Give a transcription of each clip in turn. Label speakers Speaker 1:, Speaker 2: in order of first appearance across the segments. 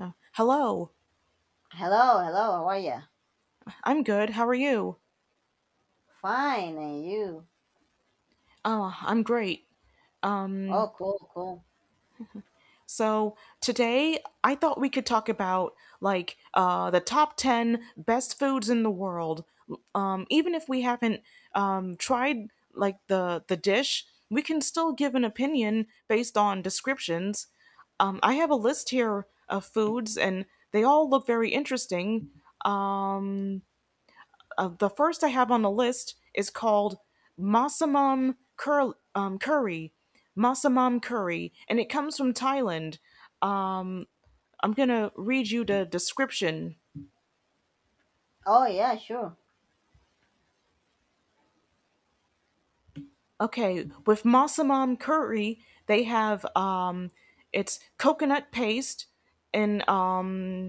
Speaker 1: Uh, Hello,
Speaker 2: Hello, hello, how are you?
Speaker 1: I'm good. How are you?
Speaker 2: Fine, and you?
Speaker 1: I'm great.
Speaker 2: Oh, cool, cool.
Speaker 1: So today I thought we could talk about the top ten best foods in the world. Even if we haven't tried like the dish, we can still give an opinion based on descriptions. I have a list here of foods, and they all look very interesting. Um. The first I have on the list is called Curry. Massamam Curry, and it comes from Thailand. I'm going to read you the description.
Speaker 2: Oh, yeah, sure.
Speaker 1: Okay, with Massamam Curry, they have it's coconut paste and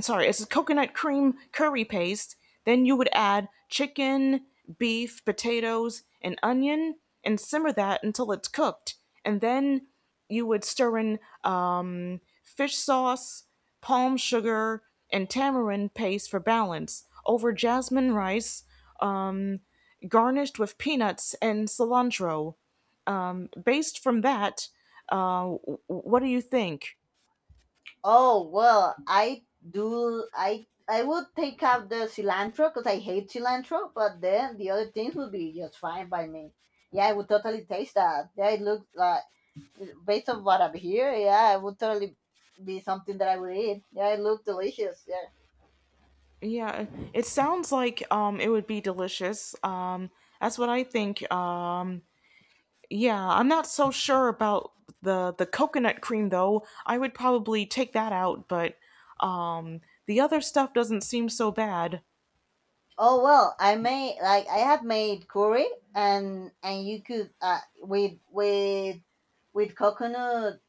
Speaker 1: sorry, it's a coconut cream curry paste. Then you would add chicken, beef, potatoes, and onion, and simmer that until it's cooked. And then you would stir in fish sauce, palm sugar, and tamarind paste for balance over jasmine rice, um, garnished with peanuts and cilantro. Based from that, what do you think?
Speaker 2: Oh, well, I do, I would take out the cilantro because I hate cilantro, but then the other things would be just fine by me. Yeah, I would totally taste that. Yeah, it looks like, based on what I'm here, yeah, it would totally be something that I would eat. Yeah, it looked delicious. Yeah.
Speaker 1: Yeah, it sounds like it would be delicious. That's what I think. Yeah, I'm not so sure about the coconut cream though. I would probably take that out, but um the other stuff doesn't seem so bad.
Speaker 2: Oh well, I made like I have made curry and you could with coconut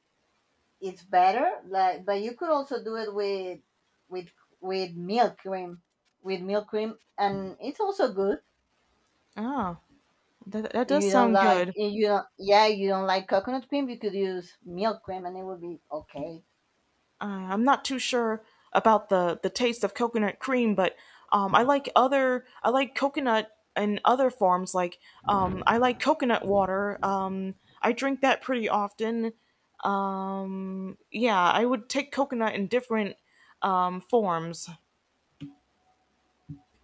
Speaker 2: it's better like but you could also do it with with milk cream and it's also good
Speaker 1: Ah, that does sound good.
Speaker 2: if you don't, yeah, you don't like coconut cream you could use milk cream and it would be okay.
Speaker 1: I'm not too sure about the taste of coconut cream, but I like other I like coconut in other forms. I like coconut water. I drink that pretty often. Yeah, I would take coconut in different forms.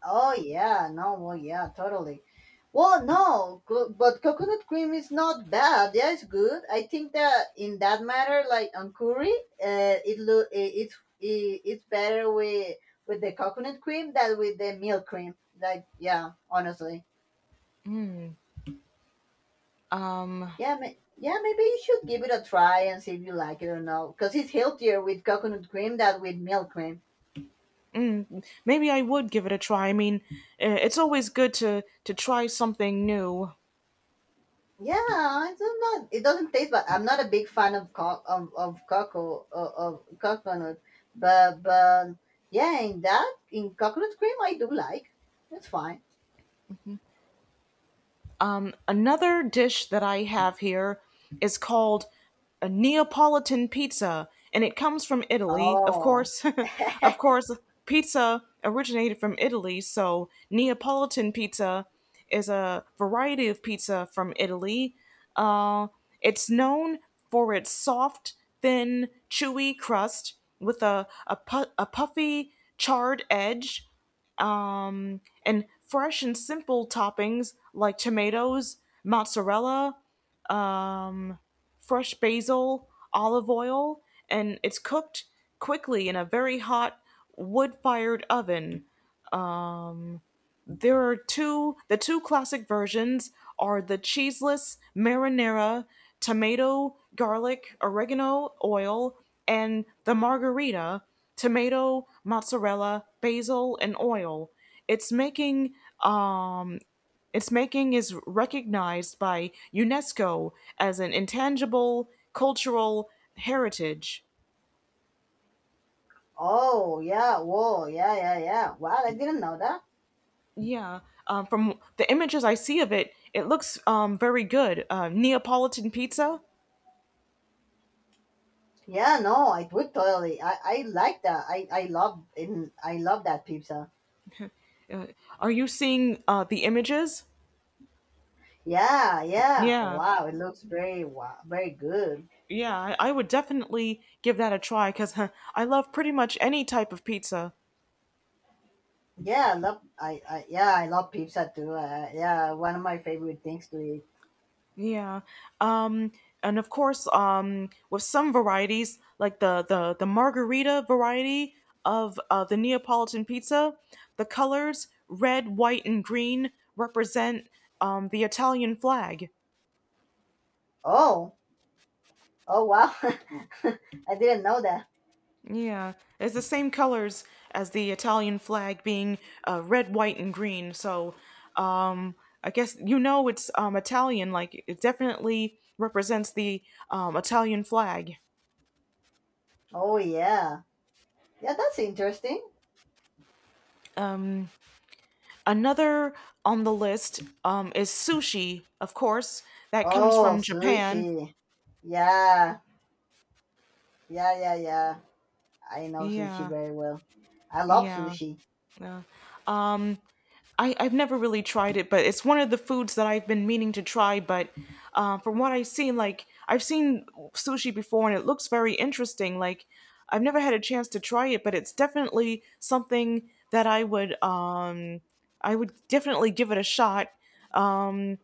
Speaker 2: Oh yeah, no, well yeah, totally. Well, no, but coconut cream is not bad. Yeah, it's good. I think that in that matter, like on curry, it lo- I- it's I- it's better with the coconut cream than with the milk cream. Like yeah, honestly,
Speaker 1: Um,
Speaker 2: yeah, yeah, maybe you should give it a try and see if you like it or not, because it's healthier with coconut cream than with milk cream.
Speaker 1: Maybe I would give it a try. I mean, it's always good to try something new.
Speaker 2: Yeah, it's not. It doesn't taste, but I'm not a big fan of of cocoa of coconut. But yeah, in coconut cream, I do like. It's fine.
Speaker 1: Another dish that I have here is called a Neapolitan pizza, and it comes from Italy. Of
Speaker 2: Oh
Speaker 1: course, of course, pizza originated from Italy, so Neapolitan pizza is a variety of pizza from Italy. Uh, it's known for its soft, thin, chewy crust with a puffy, charred edge and fresh and simple toppings like tomatoes, mozzarella, um, fresh basil, olive oil, and it's cooked quickly in a very hot wood fired oven. There are the two classic versions are the cheeseless marinara, tomato, garlic, oregano oil, and the margarita, tomato, mozzarella, basil, and oil. Its making, um, its making is recognized by UNESCO as an intangible cultural heritage.
Speaker 2: oh yeah. Whoa, yeah, yeah, yeah. Wow, I didn't know that.
Speaker 1: Yeah, from the images I see of it, it looks very good. Neapolitan pizza.
Speaker 2: Yeah, no, I would totally. I like that. I love that pizza.
Speaker 1: Uh, are you seeing the images?
Speaker 2: Yeah, yeah.
Speaker 1: Yeah,
Speaker 2: Wow, it looks very wow very good.
Speaker 1: yeah. I would definitely give that a try because I love pretty much any type of pizza.
Speaker 2: Yeah, I love pizza too. Yeah, one of my favorite things to eat.
Speaker 1: Yeah. Um, and of course, with some varieties, like the margarita variety of the Neapolitan pizza, the colors red, white, and green represent the Italian flag.
Speaker 2: Oh, oh, wow. I didn't know that.
Speaker 1: Yeah, it's the same colors as the Italian flag, being red, white, and green. So, um, I guess you know it's Italian. Like it definitely represents the Italian flag.
Speaker 2: Oh yeah. Yeah, that's interesting.
Speaker 1: Um, Another on the list is sushi, of course. That comes
Speaker 2: Oh,
Speaker 1: from Japan.
Speaker 2: sushi. Yeah. Yeah, yeah, yeah. I know sushi
Speaker 1: Yeah,
Speaker 2: very well. I love
Speaker 1: yeah.
Speaker 2: sushi.
Speaker 1: Yeah. Um, I, I've never really tried it, but it's one of the foods that I've been meaning to try. But from what I've seen, like I've seen sushi before, and it looks very interesting. Like I've never had a chance to try it, but it's definitely something that I would definitely give it a shot. Um,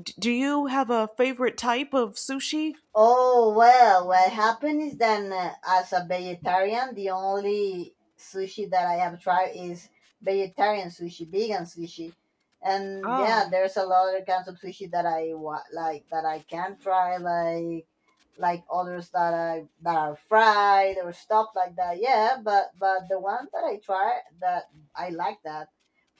Speaker 1: do you have a favorite type of sushi?
Speaker 2: Oh, well, what happened is that as a vegetarian, the only sushi that I have tried is vegetarian sushi, vegan sushi. And yeah,
Speaker 1: Oh,
Speaker 2: there's a lot of kinds of sushi that like that I can try, like others that are fried or stuff like that. Yeah, but the ones that I try that I like that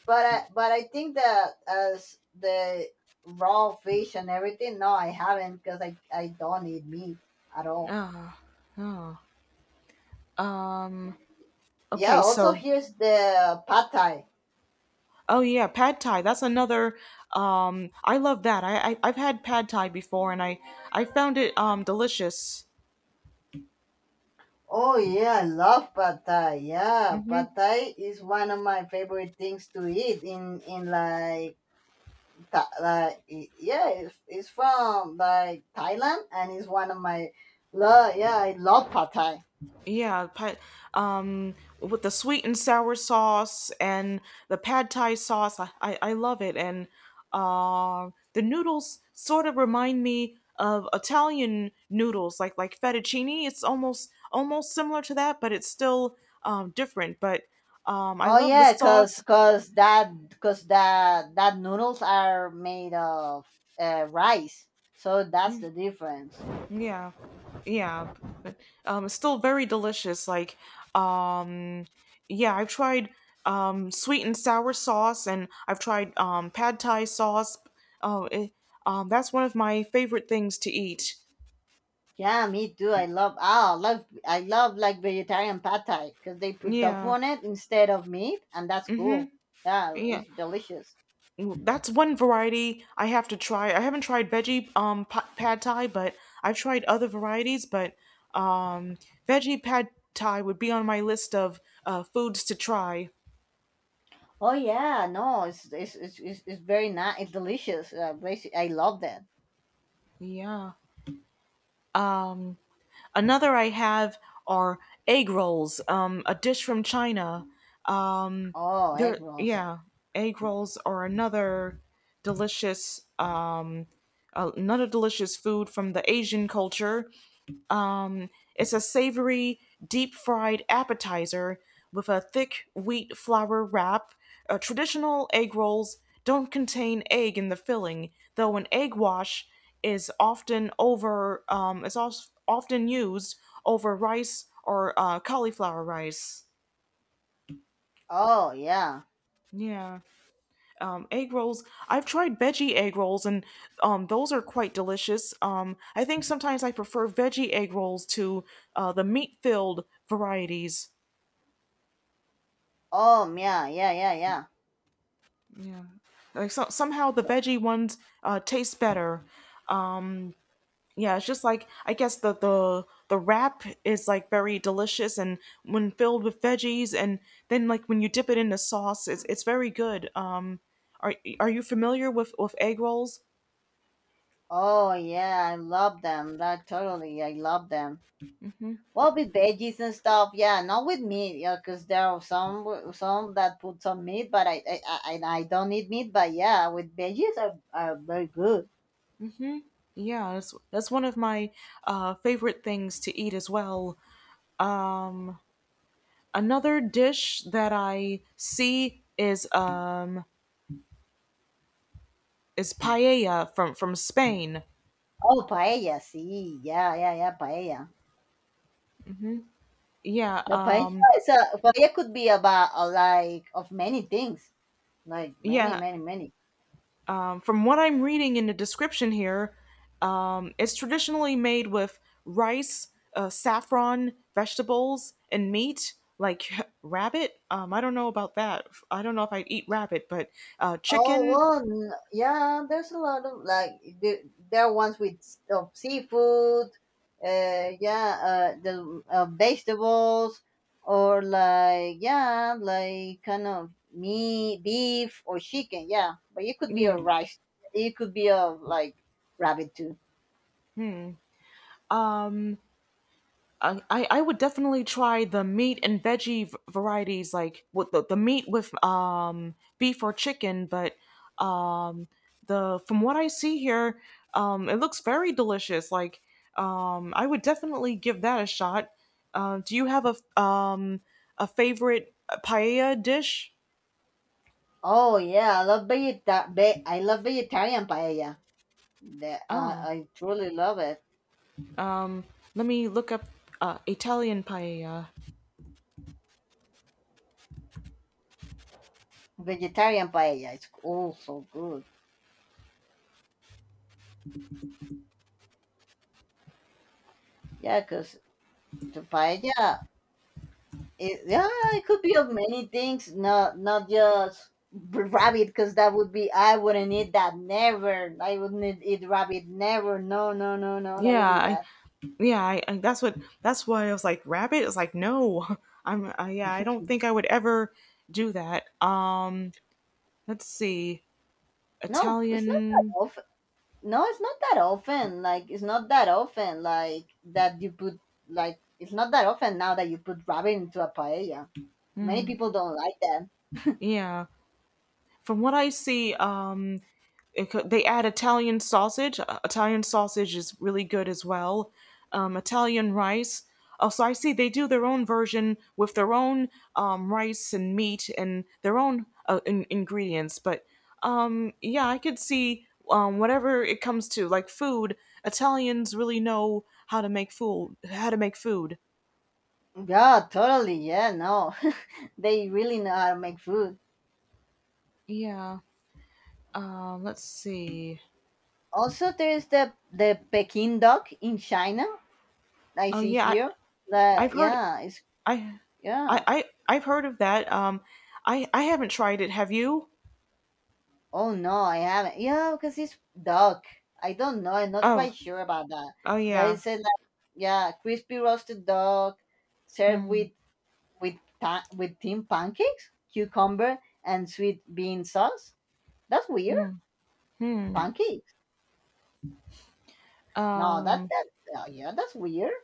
Speaker 2: but but I think that as the raw fish and everything, no, I haven't because I don't eat meat at all.
Speaker 1: oh, oh. Um,
Speaker 2: Yeah,
Speaker 1: okay,
Speaker 2: also
Speaker 1: so
Speaker 2: here's the pad thai.
Speaker 1: Oh yeah, pad thai. That's another. I love that. I've had pad thai before, and I found it delicious.
Speaker 2: Oh yeah, I love pad thai. Yeah,
Speaker 1: Hmm.
Speaker 2: pad thai is one of my favorite things to eat in like yeah, it's from like Thailand and it's one of my love. Yeah, I love pad thai.
Speaker 1: Yeah, pad, um, with the sweet and sour sauce and the pad thai sauce. I love it, and the noodles sort of remind me of Italian noodles, like fettuccine. It's almost similar to that, but it's still different. But I
Speaker 2: Oh
Speaker 1: love the
Speaker 2: yeah, cause
Speaker 1: sauce.
Speaker 2: cause that noodles are made of rice, so that's the difference.
Speaker 1: Yeah, yeah, but it's still very delicious. Um, yeah, I've tried sweet and sour sauce, and I've tried pad thai sauce. Oh, it, that's one of my favorite things to eat.
Speaker 2: Yeah, me too. I love like vegetarian pad thai because they put tofu
Speaker 1: Yeah.
Speaker 2: on it instead of meat, and that's
Speaker 1: Mm-hmm.
Speaker 2: cool. Yeah,
Speaker 1: Yeah.
Speaker 2: it's delicious.
Speaker 1: Well, that's one variety I have to try. I haven't tried veggie pad thai, but I've tried other varieties. But um, veggie pad thai would be on my list of foods to try.
Speaker 2: Oh yeah, no, it's very nice. It's delicious. Basic, I love that.
Speaker 1: Yeah. um, Another I have are egg rolls, a dish from China.
Speaker 2: Oh, egg rolls.
Speaker 1: Yeah, egg rolls are delicious, uh, another delicious food from the Asian culture. It's a savory, deep fried appetizer with a thick wheat flour wrap. Traditional egg rolls don't contain egg in the filling, though an egg wash is also often used over rice or cauliflower rice.
Speaker 2: Oh yeah.
Speaker 1: Yeah, egg rolls. I've tried veggie egg rolls, and those are quite delicious. I think sometimes I prefer veggie egg rolls to the meat-filled varieties.
Speaker 2: Oh, yeah, yeah, yeah,
Speaker 1: Yeah. Like somehow the
Speaker 2: yeah.
Speaker 1: veggie ones taste better. Yeah, it's just like I guess the wrap is like very delicious and when filled with veggies and then like when you dip it in the sauce, it's very good. Are are you familiar with egg rolls?
Speaker 2: Oh yeah, I love them. That totally, I love them. Well, with veggies and stuff, yeah, not with meat, yeah, because there are some some that put some meat, but I and I don't eat meat, but yeah, with veggies are very good.
Speaker 1: Yeah, that's one of my favorite things to eat as well. Another dish that I see is paella from Spain.
Speaker 2: Oh, paella, see, yeah, yeah, yeah, paella.
Speaker 1: Yeah,
Speaker 2: Yeah,
Speaker 1: uh,
Speaker 2: paella is a paella could be about like of many things, like many,
Speaker 1: yeah.
Speaker 2: many, many.
Speaker 1: From what I'm reading in the description here, it's traditionally made with rice, saffron, vegetables, and meat, like rabbit. I don't know about that. I don't know if I'd eat rabbit, but
Speaker 2: Oh
Speaker 1: chicken.
Speaker 2: well, yeah. There's a lot of like the, there are ones with of seafood, yeah, the vegetables, or like yeah, like kind of meat, beef or chicken, yeah. But it could be
Speaker 1: Yeah.
Speaker 2: a rice. It could be a like rabbit too.
Speaker 1: I would definitely try the meat and veggie varieties, like with the meat with beef or chicken. But um the from what I see here, it looks very delicious. Like I would definitely give that a shot. Do you have a favorite paella dish?
Speaker 2: Oh yeah, I love vegetarian paella.
Speaker 1: Oh,
Speaker 2: I truly love it.
Speaker 1: um, let me look up Italian paella.
Speaker 2: Vegetarian paella. It's also good. Yeah, cause the paella, yeah, it could be of many things, not just rabbit, because that would be I wouldn't eat that. Never, I wouldn't eat rabbit. Never, no, no, no, no, that would be
Speaker 1: Yeah,
Speaker 2: bad.
Speaker 1: yeah I that's what that's why I was like rabbit it's like no I'm yeah I don't think I would ever do that let's see
Speaker 2: No, it's not that
Speaker 1: italian
Speaker 2: often. No, it's not that often. Like it's not that often. Like that you put like it's not that often now that you put rabbit into a paella. Many people don't like that.
Speaker 1: yeah from what I see They add Italian sausage. Italian sausage is really good as well. Italian rice. Oh, so I see they do their own version with their own rice and meat and their own ingredients. But yeah, I could see whatever it comes to like food. Italians really know how to make food. How to make food.
Speaker 2: Yeah, totally. Yeah, no, they really know how to make food.
Speaker 1: Yeah. Let's see.
Speaker 2: Also, there's the Peking duck in China I
Speaker 1: Oh
Speaker 2: see
Speaker 1: yeah,
Speaker 2: here.
Speaker 1: I,
Speaker 2: The
Speaker 1: I've heard.
Speaker 2: yeah, it's
Speaker 1: I,
Speaker 2: yeah.
Speaker 1: I've heard of that. I haven't tried it. Have you?
Speaker 2: Oh no, I haven't. Yeah, because it's duck. I don't know. I'm not
Speaker 1: Oh,
Speaker 2: quite sure about that.
Speaker 1: oh
Speaker 2: That
Speaker 1: yeah.
Speaker 2: is a like, yeah, crispy roasted duck served with
Speaker 1: Hmm,
Speaker 2: with with thin pancakes, cucumber, and sweet bean sauce. That's weird.
Speaker 1: hmm, hmm.
Speaker 2: Pancakes. No, that
Speaker 1: Um,
Speaker 2: that yeah, that's weird.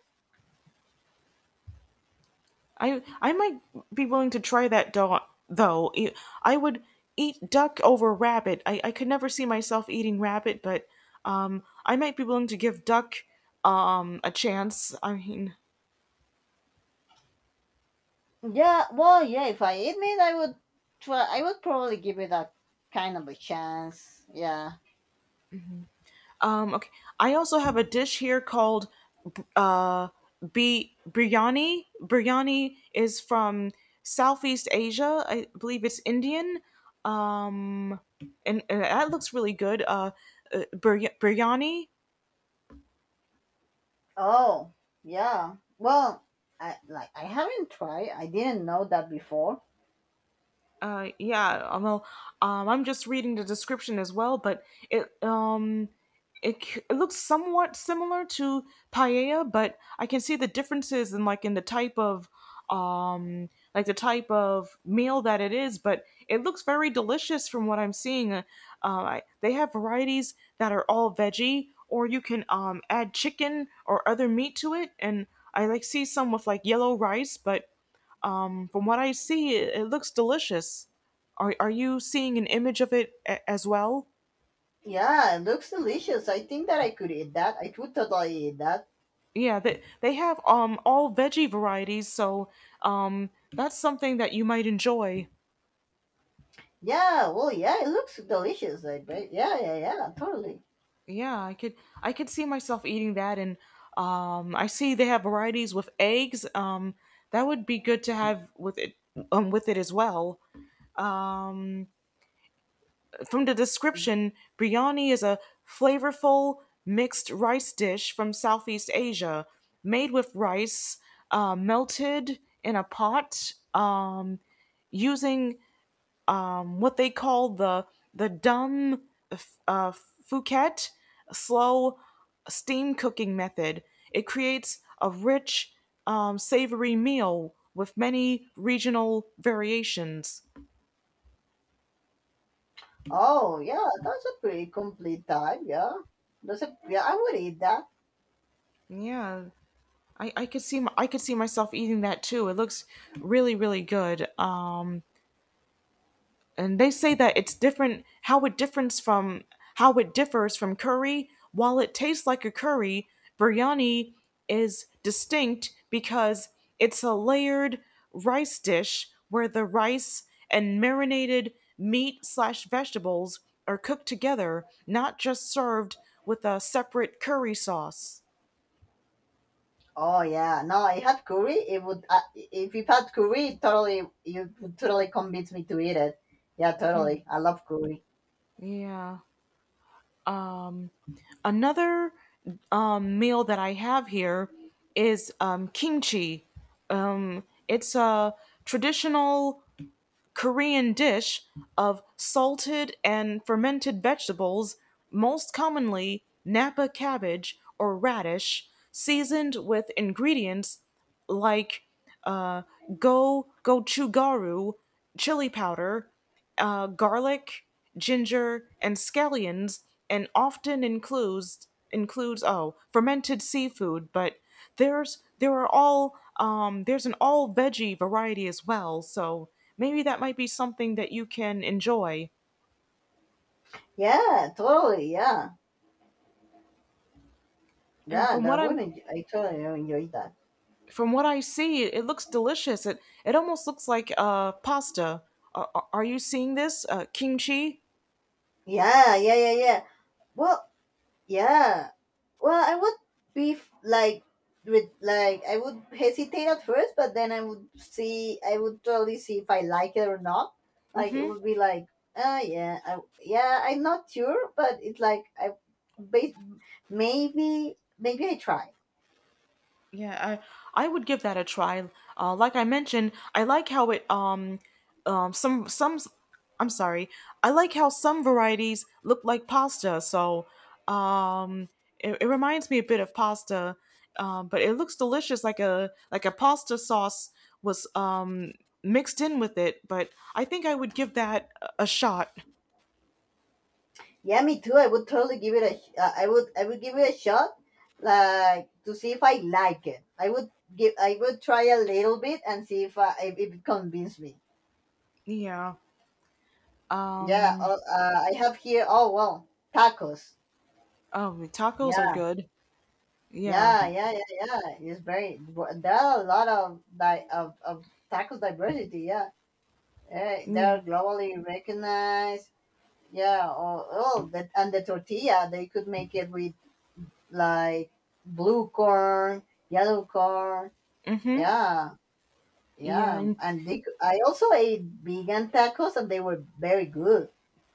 Speaker 1: I might be willing to try though. I would eat duck over rabbit. I could never see myself eating rabbit, but I might be willing to give duck a chance. I mean,
Speaker 2: Yeah, well, yeah. If I eat meat, I would try. I would probably give it a kind of a chance. Yeah.
Speaker 1: um, okay. I also have a dish here called uh, biryani. Biryani is from Southeast Asia. I believe it's Indian. Um, and that looks really good. Biryani.
Speaker 2: Oh, yeah. Well, I haven't tried. I didn't know that before.
Speaker 1: Uh, yeah, um, well, I'm just reading the description as well, but it looks somewhat similar to paella, but I can see the differences in like in the type of like the type of meal that it is. But it looks very delicious from what I'm seeing. I, they have varieties that are all veggie, or you can add chicken or other meat to it, and I like see some with like yellow rice, but from what I see, it looks delicious. Are you seeing an image of as well?
Speaker 2: Yeah, it looks delicious. I think that I could eat that. I would totally eat that.
Speaker 1: Yeah, they have all veggie varieties, so that's something that you might enjoy.
Speaker 2: Yeah, well, yeah, it looks delicious. I bet. Yeah, yeah, yeah, totally.
Speaker 1: Yeah, I could see myself eating that, and I see they have varieties with eggs. That would be good to have with it as well. Um, From the description, biryani is a flavorful mixed rice dish from Southeast Asia, made with rice melted in a pot using what they call the dum uh, fouquet slow steam cooking method. It creates a rich, savory meal with many regional variations.
Speaker 2: Oh, yeah, that's a pretty complete type. Yeah, that's a yeah. I would eat that.
Speaker 1: Yeah, I could see myself eating that too. It looks really good. And they say that it's different how it differs from curry. While it tastes like a curry, biryani is distinct because it's a layered rice dish where the rice and marinated meat slash vegetables are cooked together, not just served with a separate curry sauce.
Speaker 2: Oh yeah, no, I had curry. It would if you had curry, it totally you would totally convince me to eat it. Yeah, totally. I love curry.
Speaker 1: Yeah. Another meal that I have here is kimchi. It's a traditional Korean dish of salted and fermented vegetables, most commonly napa cabbage or radish, seasoned with ingredients like uh, go gochugaru, chili powder, garlic, ginger, and scallions, and often includes fermented seafood. But there's an all veggie variety as well. So maybe that might be something that you can enjoy.
Speaker 2: Yeah, totally. Yeah,
Speaker 1: And
Speaker 2: yeah, I totally enjoy that.
Speaker 1: from what I see, it looks delicious. It almost looks like pasta. Are you seeing this kimchi?
Speaker 2: Yeah, yeah, yeah, yeah. Well, yeah. Well, I would be like with like I would hesitate at first, but then I would totally see if I like it or not. Like it
Speaker 1: Hmm.
Speaker 2: would be like, oh yeah, yeah, I'm not sure, but it's like ba- maybe I try.
Speaker 1: Yeah, I would give that a try. Like I mentioned, I like how it some I'm sorry. I like how some varieties look like pasta. So um it reminds me a bit of pasta. But it looks delicious like a pasta sauce was mixed in with it, but I think I would give that a shot.
Speaker 2: Yeah, me too. I would totally give it a. I would. I would give it a shot, like to see if I like it. I would give. I would try a little bit and see if if it convinced me.
Speaker 1: Yeah.
Speaker 2: Yeah.
Speaker 1: Um,
Speaker 2: I have here. Oh well, tacos.
Speaker 1: oh, tacos are
Speaker 2: Yeah.
Speaker 1: good. Yeah.
Speaker 2: Yeah, yeah, yeah, yeah. It's very. There are a lot of of tacos diversity. Yeah, they
Speaker 1: Yeah.
Speaker 2: are globally recognized. Yeah. Oh, that and the tortilla. They could make it with like blue corn, yellow corn.
Speaker 1: Mhm.
Speaker 2: Yeah,
Speaker 1: Yeah,
Speaker 2: yeah.
Speaker 1: and
Speaker 2: And I also ate vegan tacos, and they were very good.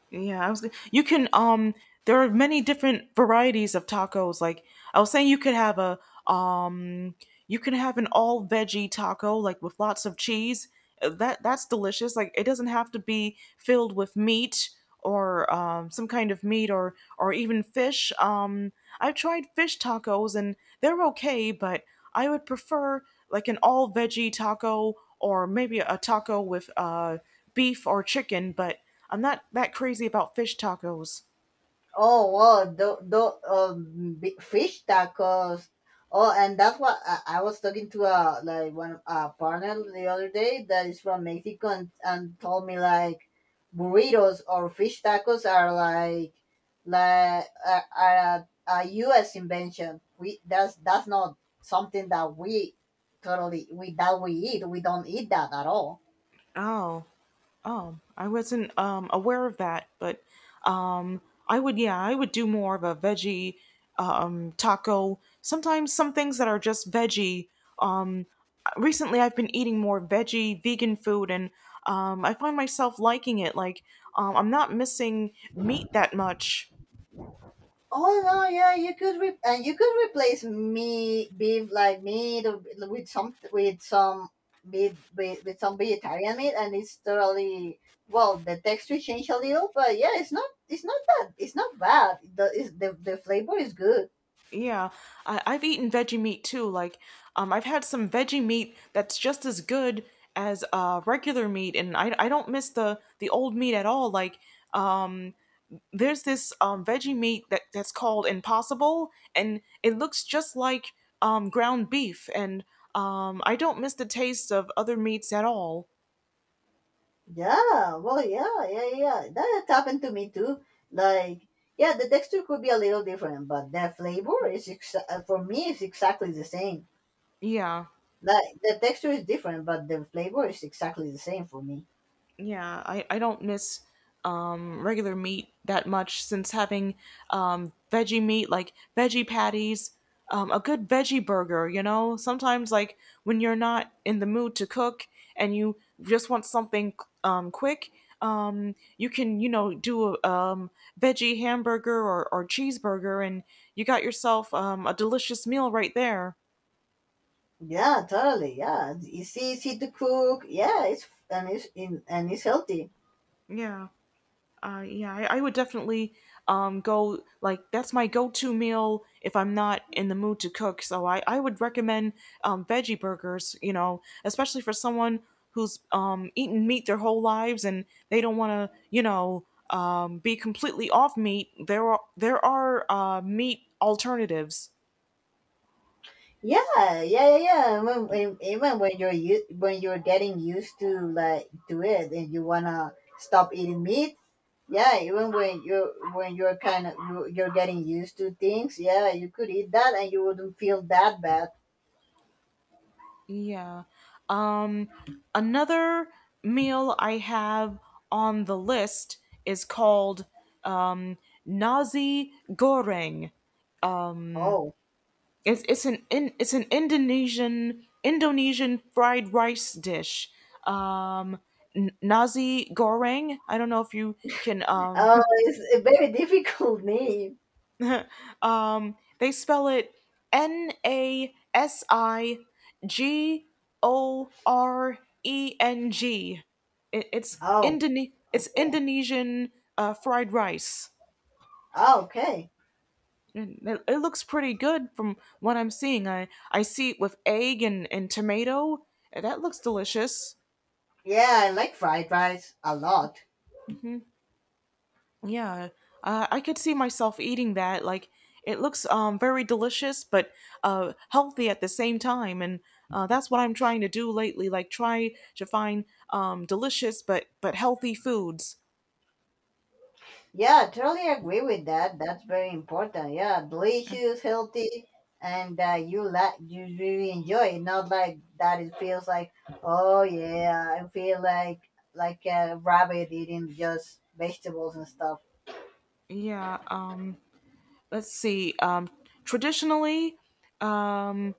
Speaker 1: yeah, you can There are many different varieties of tacos. Like I was saying, you could have a um you can have an all veggie taco like with lots of cheese. That's delicious. Like it doesn't have to be filled with meat or some kind of meat or even fish. I've tried fish tacos and they're okay, but I would prefer like an all veggie taco or maybe a taco with beef or chicken. But I'm not that crazy about fish tacos.
Speaker 2: Oh, wow, the fish tacos. Oh, and that's what I was talking to a like one a partner the other day that is from Mexico and told me like burritos or fish tacos are like are a U.S. invention. We that's not something that we eat. We don't eat that at all.
Speaker 1: Oh. Oh, I wasn't aware of that, but um, I would, yeah, I would do more of a veggie taco. Sometimes some things that are just veggie. Um, recently, I've been eating more veggie vegan food, and I find myself liking it. Like I'm not missing meat that much.
Speaker 2: Oh no, yeah, you could and you could replace meat, beef like meat with some meat with some vegetarian meat, and it's totally well. The texture change a little, but yeah, it's not that it's not bad. The flavor is good.
Speaker 1: Yeah, I've eaten veggie meat too. Like, I've had some veggie meat that's just as good as regular meat, and I don't miss the old meat at all. Like, um, there's this veggie meat that's called Impossible, and it looks just like ground beef, and I don't miss the taste of other meats at all.
Speaker 2: Yeah, well, yeah, yeah, yeah. That happened to me too. Like, yeah, the texture could be a little different, but the flavor is for me is exactly the same.
Speaker 1: Yeah.
Speaker 2: Like the texture is different, but the flavor is exactly the same for me.
Speaker 1: Yeah, I don't miss regular meat that much since having veggie meat, like veggie patties, a good veggie burger, you know? Sometimes, like, when you're not in the mood to cook and you just want something quick, you can, you know, do a veggie hamburger or cheeseburger and you got yourself a delicious meal right there.
Speaker 2: Yeah, totally. Yeah, it's easy to cook. Yeah, it's and it's in and it's healthy.
Speaker 1: Yeah. Yeah, I would definitely go like that's my go-to meal if I'm not in the mood to cook. So I would recommend veggie burgers, you know, especially for someone who's eaten meat their whole lives and they don't want to, you know, be completely off meat. There are meat alternatives.
Speaker 2: Yeah, yeah, yeah, yeah. Even when you're when you're getting used to like to it, and you wanna stop eating meat. Yeah, even when you're kind of you're getting used to things. Yeah, you could eat that, and you wouldn't feel that bad.
Speaker 1: Yeah. Um, another meal I have on the list is called um, nasi goreng.
Speaker 2: Oh,
Speaker 1: It's an Indonesian fried rice dish. Um, nasi goreng. I don't know if you can
Speaker 2: oh, it's a very difficult name.
Speaker 1: They spell it Nasi Goreng. It's
Speaker 2: Oh,
Speaker 1: It's
Speaker 2: okay.
Speaker 1: Indonesian fried rice.
Speaker 2: Oh, okay.
Speaker 1: And it looks pretty good from what I'm seeing. I see it with egg and tomato, and that looks delicious.
Speaker 2: Yeah, I like fried rice a lot.
Speaker 1: Yeah, I could see myself eating that. Like, it looks very delicious, but healthy at the same time, and that's what I'm trying to do lately. Like, try to find delicious but healthy foods.
Speaker 2: Yeah, I totally agree with that. That's very important. Yeah, delicious, healthy, and you really enjoy it. Not like that. It feels like oh yeah, I feel like a rabbit eating just vegetables and stuff.
Speaker 1: Yeah. Let's see. Traditionally, um.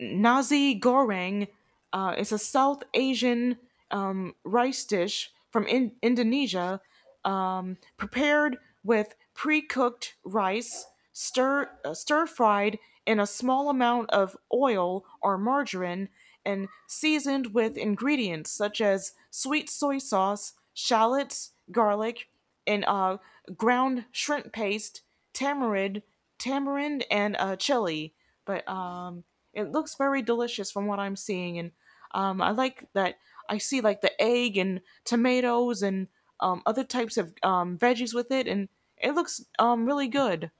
Speaker 1: nasi goreng is a South Asian rice dish from Indonesia, prepared with pre-cooked rice, stir fried in a small amount of oil or margarine, and seasoned with ingredients such as sweet soy sauce, shallots, garlic, and ground shrimp paste, tamarind, tamarind and chili, but it looks very delicious from what I'm seeing, and I like that I see like the egg and tomatoes and other types of veggies with it, and it looks really good.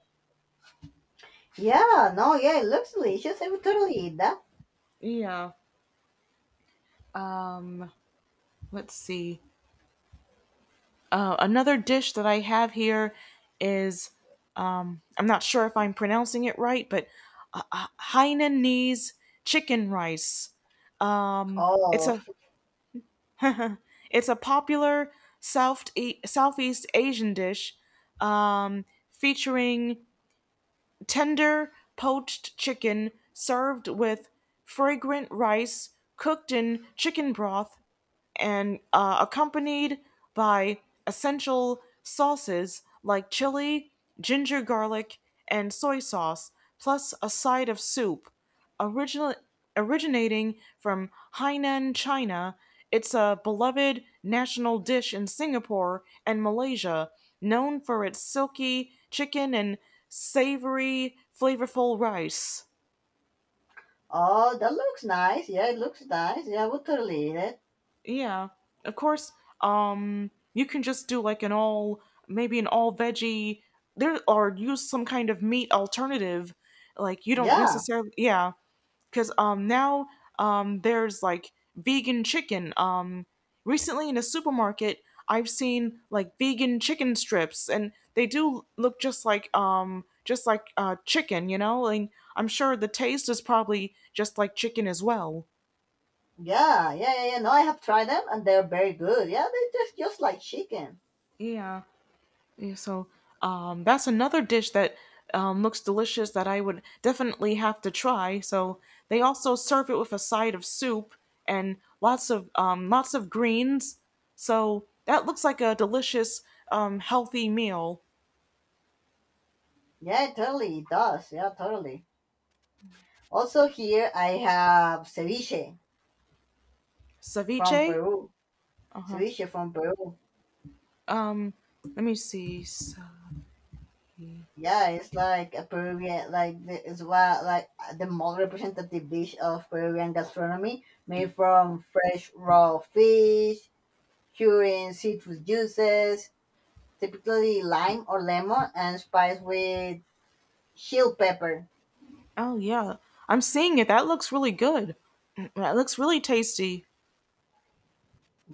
Speaker 2: Yeah, no, yeah, it looks delicious. I would totally eat that.
Speaker 1: Yeah. Um, let's see. Another dish that I have here is I'm not sure if I'm pronouncing it right, but Hainanese chicken rice. Um, it's
Speaker 2: Oh,
Speaker 1: a It's a popular Southeast Asian dish um, featuring tender poached chicken served with fragrant rice cooked in chicken broth and accompanied by essential sauces like chili, ginger garlic, and soy sauce, plus a side of soup. Original, originating from Hainan, China, it's a beloved national dish in Singapore and Malaysia, known for its silky chicken and savory, flavorful rice.
Speaker 2: oh, that looks nice. Yeah, it looks nice. Yeah, I would totally eat it.
Speaker 1: Yeah, of course. You can just do like an all maybe an all veggie there or use some kind of meat alternative. Like you don't
Speaker 2: Yeah,
Speaker 1: necessarily, yeah, because now there's like vegan chicken. Recently in a supermarket I've seen like vegan chicken strips and they do look just like chicken, you know? And I'm sure the taste is probably just like chicken as well.
Speaker 2: yeah, yeah, yeah, yeah. No, I have tried them and they're very good. Yeah, they're just like chicken.
Speaker 1: Yeah. Yeah, so that's another dish that looks delicious that I would definitely have to try. So they also serve it with a side of soup and lots of greens. So that looks like a delicious, healthy meal.
Speaker 2: Yeah, totally. It does. Yeah, totally. Also, here I have ceviche from
Speaker 1: Ceviche.
Speaker 2: Peru.
Speaker 1: Uh huh.
Speaker 2: Ceviche from Peru.
Speaker 1: Um, let me see. So,
Speaker 2: Yeah, it's like a Peruvian, it's what like the most representative dish of Peruvian gastronomy, made from fresh raw fish, curing citrus juices, typically lime or lemon, and spiced with chili pepper.
Speaker 1: oh yeah, I'm seeing it. That looks really good. Mm, that looks really tasty.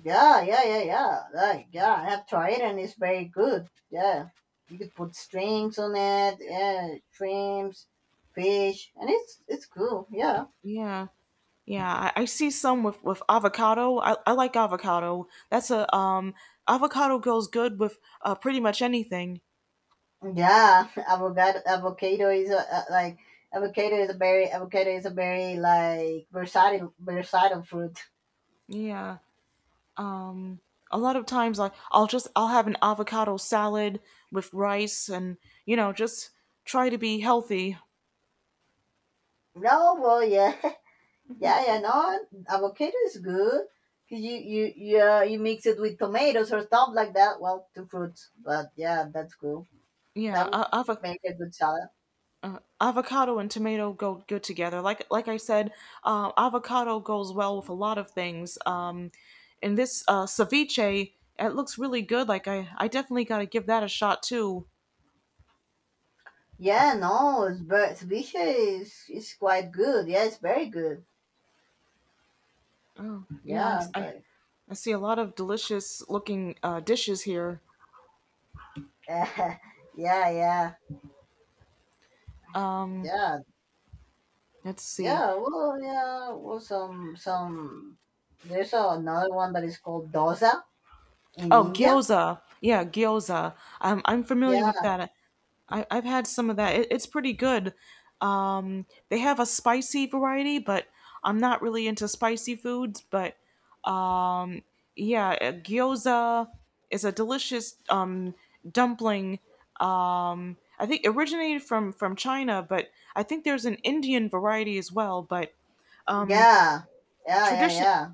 Speaker 2: Yeah, yeah, yeah, yeah. Like, yeah, I have tried and it's very good. Yeah, you could put strings on it. Yeah, shrimps, fish, and it's cool. Yeah,
Speaker 1: Yeah. Yeah, I see some with avocado. I like avocado. That's a avocado goes good with pretty much anything.
Speaker 2: yeah. Avocado, avocado is a like avocado is a very avocado is a very like versatile fruit.
Speaker 1: Yeah, a lot of times I I'll just I'll have an avocado salad with rice and you know just try to be healthy.
Speaker 2: No, well, yeah, yeah, yeah. No, avocado is good. 'Cause you mix it with tomatoes or stuff like that. Well, two fruits, but yeah, that's cool.
Speaker 1: Yeah,
Speaker 2: That would make a good salad.
Speaker 1: avocado and tomato go good together. Like I said, avocado goes well with a lot of things. And this ceviche, it looks really good. Like I definitely got to give that a shot too.
Speaker 2: Yeah, no, it's but ceviche is quite good. Yeah, it's very good.
Speaker 1: Oh, yeah,
Speaker 2: Yeah, like
Speaker 1: I see a lot of delicious looking dishes here.
Speaker 2: yeah, yeah, yeah,
Speaker 1: Let's see.
Speaker 2: yeah. Well, yeah, well, some. There's another one that is called dosa in
Speaker 1: Oh,
Speaker 2: India.
Speaker 1: gyoza. Yeah, gyoza. I'm familiar with
Speaker 2: Yeah,
Speaker 1: that. I've had some of that. It's pretty good. They have a spicy variety, but I'm not really into spicy foods. But yeah, gyoza is a delicious dumpling. I think originated from China, but I think there's an Indian variety as well. But um,
Speaker 2: yeah, yeah, yeah,
Speaker 1: Tradition
Speaker 2: yeah,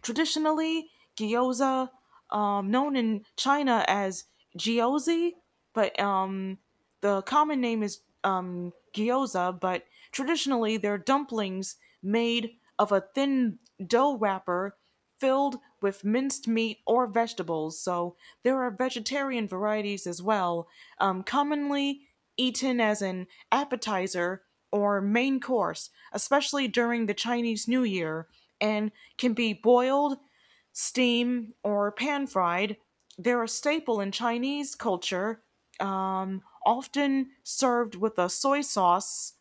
Speaker 1: traditionally gyoza, known in China as gyozi, but the common name is gyoza, but traditionally they're dumplings made of a thin dough wrapper filled with minced meat or vegetables. So there are vegetarian varieties as well, commonly eaten as an appetizer or main course, especially during the Chinese New Year, and can be boiled, steam or pan-fried. They're a staple in Chinese culture, often served with a soy sauce.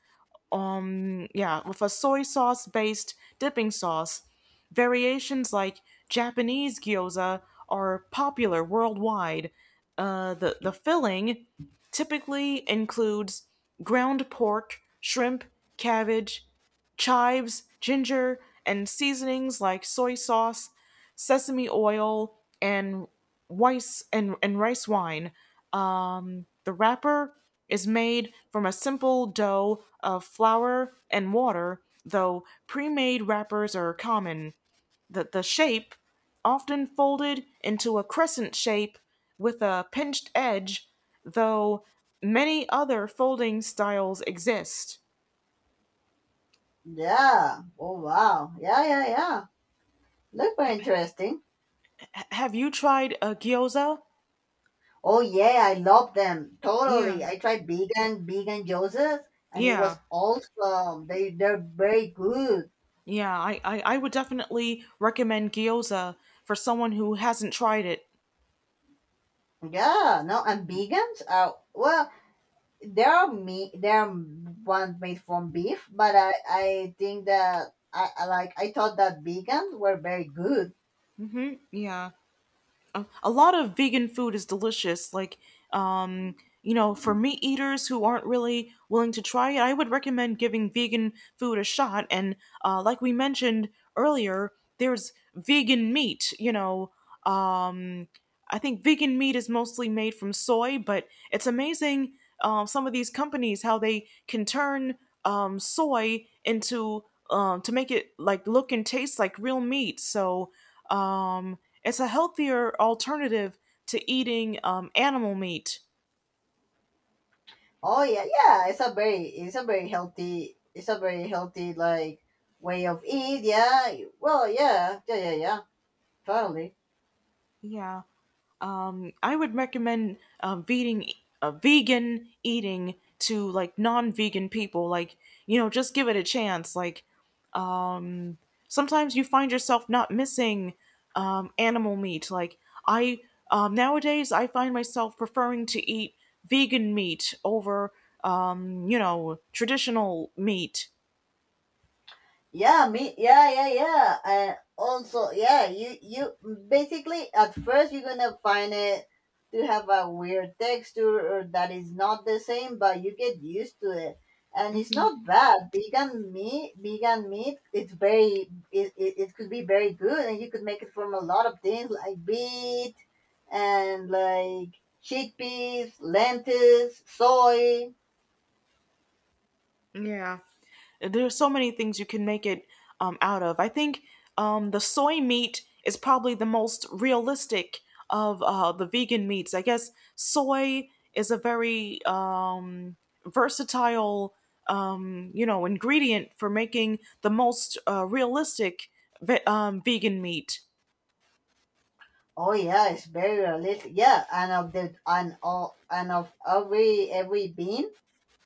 Speaker 1: Yeah, with a soy sauce based dipping sauce. Variations like Japanese gyoza are popular worldwide. The filling typically includes ground pork, shrimp, cabbage, chives, ginger, and seasonings like soy sauce, sesame oil and and rice wine. The wrapper is made from a simple dough of flour and water, though pre-made wrappers are common. The shape, often folded into a crescent shape with a pinched edge, though many other folding styles exist.
Speaker 2: yeah. Oh wow, yeah, yeah, yeah. Look very interesting.
Speaker 1: H- have you tried a gyoza?
Speaker 2: Oh yeah, I love them
Speaker 1: Yeah,
Speaker 2: totally. I tried vegan Joseph, and it
Speaker 1: yeah.
Speaker 2: was awesome. They're very good.
Speaker 1: Yeah, I would definitely recommend gyoza for someone who hasn't tried it.
Speaker 2: Yeah, no, and vegans are well. There are me there are ones made from beef, but I think that I like I thought that vegans were very good.
Speaker 1: Yeah. A lot of vegan food is delicious. Like, um, you know, for meat eaters who aren't really willing to try it, I would recommend giving vegan food a shot. And like we mentioned earlier, there's vegan meat, you know, um, I think vegan meat is mostly made from soy, but it's amazing some of these companies how they can turn soy into to make it like look and taste like real meat. So um, it's a healthier alternative to eating animal meat.
Speaker 2: Oh yeah, yeah. It's a very healthy it's a very healthy like way of eat. Yeah. Well, yeah, yeah, yeah, yeah. Totally.
Speaker 1: Yeah. I would recommend vegan eating to like non-vegan people. Like, you know, just give it a chance. Like, um, sometimes you find yourself not missing animal meat. Like, I nowadays I find myself preferring to eat vegan meat over, you know, traditional meat.
Speaker 2: Yeah, me. Yeah, yeah, yeah. And also, yeah, you basically at first you're gonna find it to have a weird texture or that is not the same, but you get used to it, and it's
Speaker 1: Hmm.
Speaker 2: not bad. Vegan meat, it's very it could be very good, and you could make it from a lot of things like beet and like chickpeas, lentils, soy.
Speaker 1: Yeah. There's so many things you can make it out of. I think the soy meat is probably the most realistic of the vegan meats. I guess soy is a very versatile, you know, ingredient for making the most realistic vegan meat.
Speaker 2: Oh yeah, it's very realistic. Yeah, and of the and all and of every bean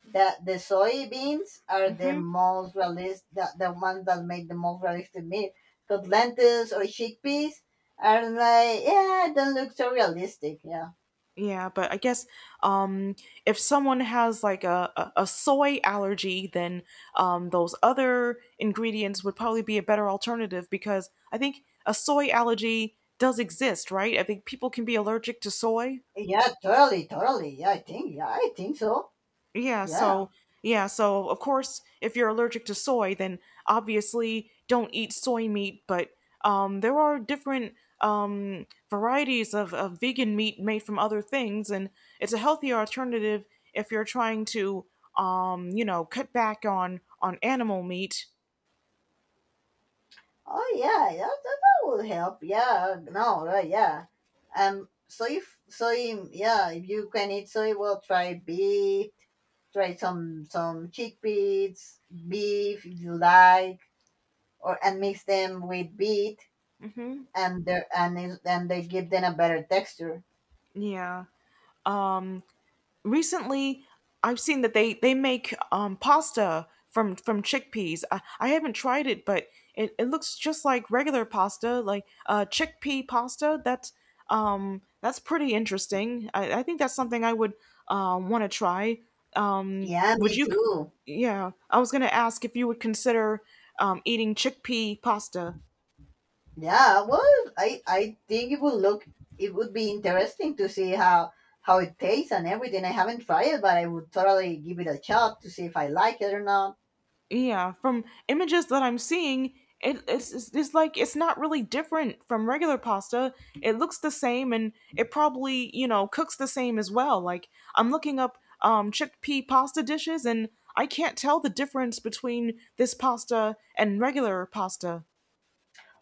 Speaker 2: that the soybeans are the
Speaker 1: Hmm.
Speaker 2: most realistic, the ones that make the most realistic meat. Because lentils or chickpeas are like yeah, don't look so realistic. Yeah,
Speaker 1: Yeah, but I guess um, if someone has like a soy allergy, then those other ingredients would probably be a better alternative because I think a soy allergy does exist, right? I think people can be allergic to soy.
Speaker 2: yeah, totally, totally. Yeah, I think so.
Speaker 1: Yeah,
Speaker 2: Yeah.
Speaker 1: so yeah, so of course, if you're allergic to soy, then obviously don't eat soy meat, but there are different varieties of vegan meat made from other things, and it's a healthier alternative if you're trying to cut back on animal meat.
Speaker 2: Oh yeah, that would help. Yeah, no, right, yeah. Soy, if so, yeah, if you can eat soy, well, try beet, try some chickpeas, beef if you like, or and mix them with beet,
Speaker 1: Hmm.
Speaker 2: and they and and they give them a better texture.
Speaker 1: Yeah. um, Recently I've seen that they make pasta from chickpeas. I haven't tried it, but it looks just like regular pasta, like chickpea pasta. That's pretty interesting. I think that's something I would want to try.
Speaker 2: Yeah,
Speaker 1: Would
Speaker 2: me
Speaker 1: you?
Speaker 2: too.
Speaker 1: Yeah, I was gonna ask if you would consider eating chickpea pasta.
Speaker 2: Yeah, well, I think it would look it would be interesting to see how it tastes and everything. I haven't tried it, but I would totally give it a shot to see if I like it or not.
Speaker 1: Yeah, from images that I'm seeing, it's like it's not really different from regular pasta. It looks the same and it probably, you know, cooks the same as well. Like, I'm looking up chickpea pasta dishes and I can't tell the difference between this pasta and regular pasta.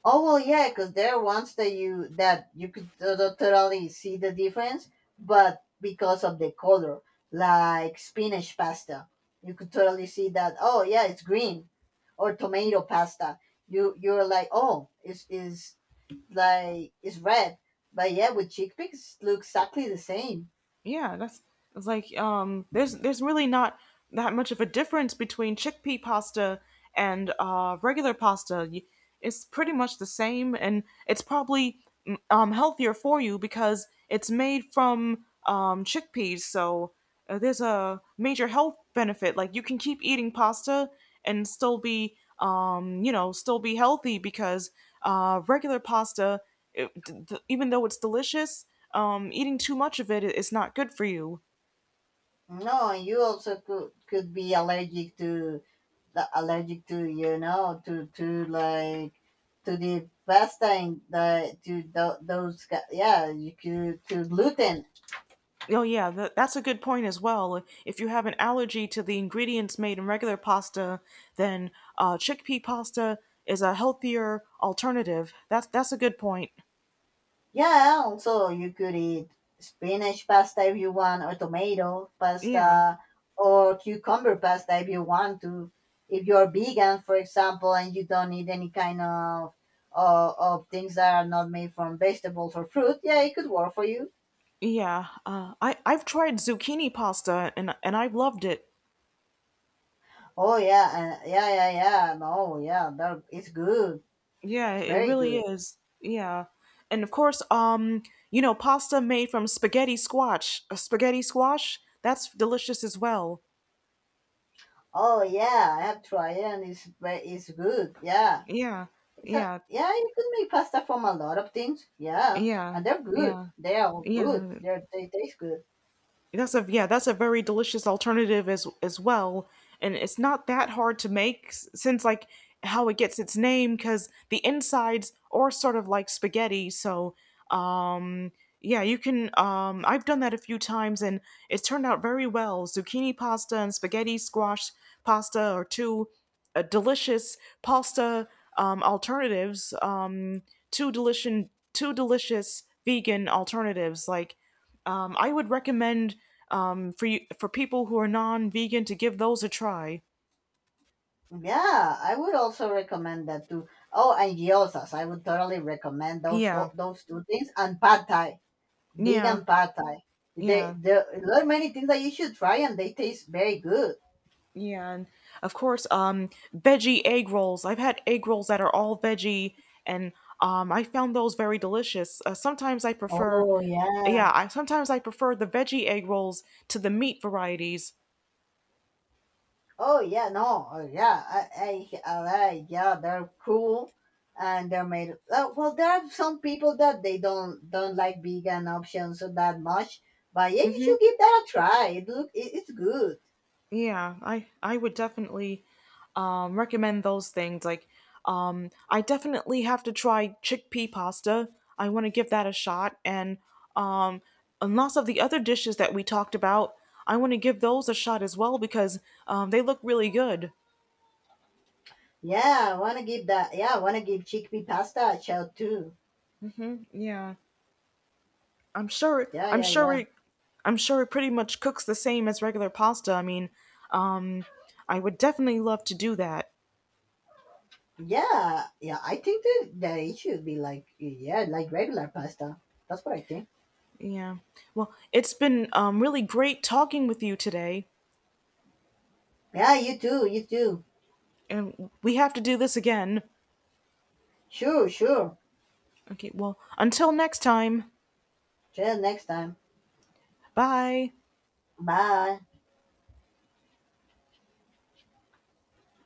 Speaker 2: Oh well, yeah, because there are ones that you could totally see the difference, but because of the color, like spinach pasta, you could totally see that. Oh yeah, it's green, or tomato pasta. You're like, oh, it's is like it's red. But yeah, with chickpeas, look exactly the same.
Speaker 1: Yeah, that's it's like there's really not that much of a difference between chickpea pasta and regular pasta. It's pretty much the same and it's probably healthier for you because it's made from chickpeas. So there's a major health benefit. Like you can keep eating pasta and still be still be healthy because regular pasta, even though it's delicious, eating too much of it is not good for you.
Speaker 2: No, and you also could be allergic to the allergic to to to the pasta and the to yeah you could to gluten.
Speaker 1: Oh, yeah, that's a good point as well. If you have an allergy to the ingredients made in regular pasta, then chickpea pasta is a healthier alternative. That's a good point.
Speaker 2: Yeah, also you could eat spinach pasta if you want, or tomato
Speaker 1: Yeah,
Speaker 2: pasta, or cucumber pasta if you want to. If you're vegan, for example, and you don't eat any kind of things that are not made from vegetables or fruit, yeah, it could work for you.
Speaker 1: yeah. I've tried zucchini pasta and I've loved it.
Speaker 2: Oh yeah, yeah, yeah, yeah. No, yeah, that it's good.
Speaker 1: Yeah,
Speaker 2: It's
Speaker 1: it
Speaker 2: very
Speaker 1: really
Speaker 2: good.
Speaker 1: is. Yeah, and of course, you know, pasta made from spaghetti squash, a spaghetti squash, that's delicious as well.
Speaker 2: Oh yeah, I have tried it and it's good. Yeah.
Speaker 1: Yeah,
Speaker 2: It's a,
Speaker 1: yeah.
Speaker 2: yeah, you could make pasta from a lot of things. Yeah,
Speaker 1: Yeah,
Speaker 2: and they're good.
Speaker 1: yeah,
Speaker 2: They are good.
Speaker 1: yeah.
Speaker 2: They taste good.
Speaker 1: That's a very delicious alternative as well, and it's not that hard to make since, like, how it gets its name, because the insides are sort of like spaghetti. So um, yeah, you can. I've done that a few times and it's turned out very well. Zucchini pasta and spaghetti squash pasta are two delicious pasta alternatives. Two delicious, two delicious vegan alternatives. Like, I would recommend, for you, for people who are non-vegan, to give those a try.
Speaker 2: Yeah, I would also recommend that too. Oh, and gyozas. I would totally recommend those
Speaker 1: Yeah,
Speaker 2: tho- those two things and pad thai,
Speaker 1: yeah,
Speaker 2: vegan pad thai. They
Speaker 1: yeah,
Speaker 2: there are many things that you should try, and they taste very good.
Speaker 1: yeah. And of course, veggie egg rolls. I've had egg rolls that are all veggie, and I found those very delicious. Sometimes I prefer,
Speaker 2: Oh yeah.
Speaker 1: yeah, I sometimes I prefer the veggie egg rolls to the meat varieties.
Speaker 2: Oh yeah, no, oh, yeah, I like, yeah, they're cool, and they're made. Well, there are some people that they don't like vegan options so that much, but yeah, you
Speaker 1: Mm-hmm.
Speaker 2: should give that a try. It look, it, it's good.
Speaker 1: Yeah, I would definitely recommend those things. Like, I definitely have to try chickpea pasta. I want to give that a shot, and um, lots of the other dishes that we talked about. I want to give those a shot as well because they look really good.
Speaker 2: Yeah, I wanna give that. Yeah, I wanna give chickpea pasta a shot too.
Speaker 1: Yeah, I'm sure.
Speaker 2: Yeah,
Speaker 1: I'm
Speaker 2: yeah,
Speaker 1: sure
Speaker 2: yeah,
Speaker 1: it. I'm sure it pretty much cooks the same as regular pasta. I mean, um, I would definitely love to do that.
Speaker 2: yeah, yeah. I think that that it should be like yeah, like regular pasta. That's what I think.
Speaker 1: Yeah. Well, it's been really great talking with you today.
Speaker 2: Yeah, you too, you too.
Speaker 1: And we have to do this again.
Speaker 2: Sure, sure.
Speaker 1: Okay, well, until next time.
Speaker 2: See you next time.
Speaker 1: Bye.
Speaker 2: Bye.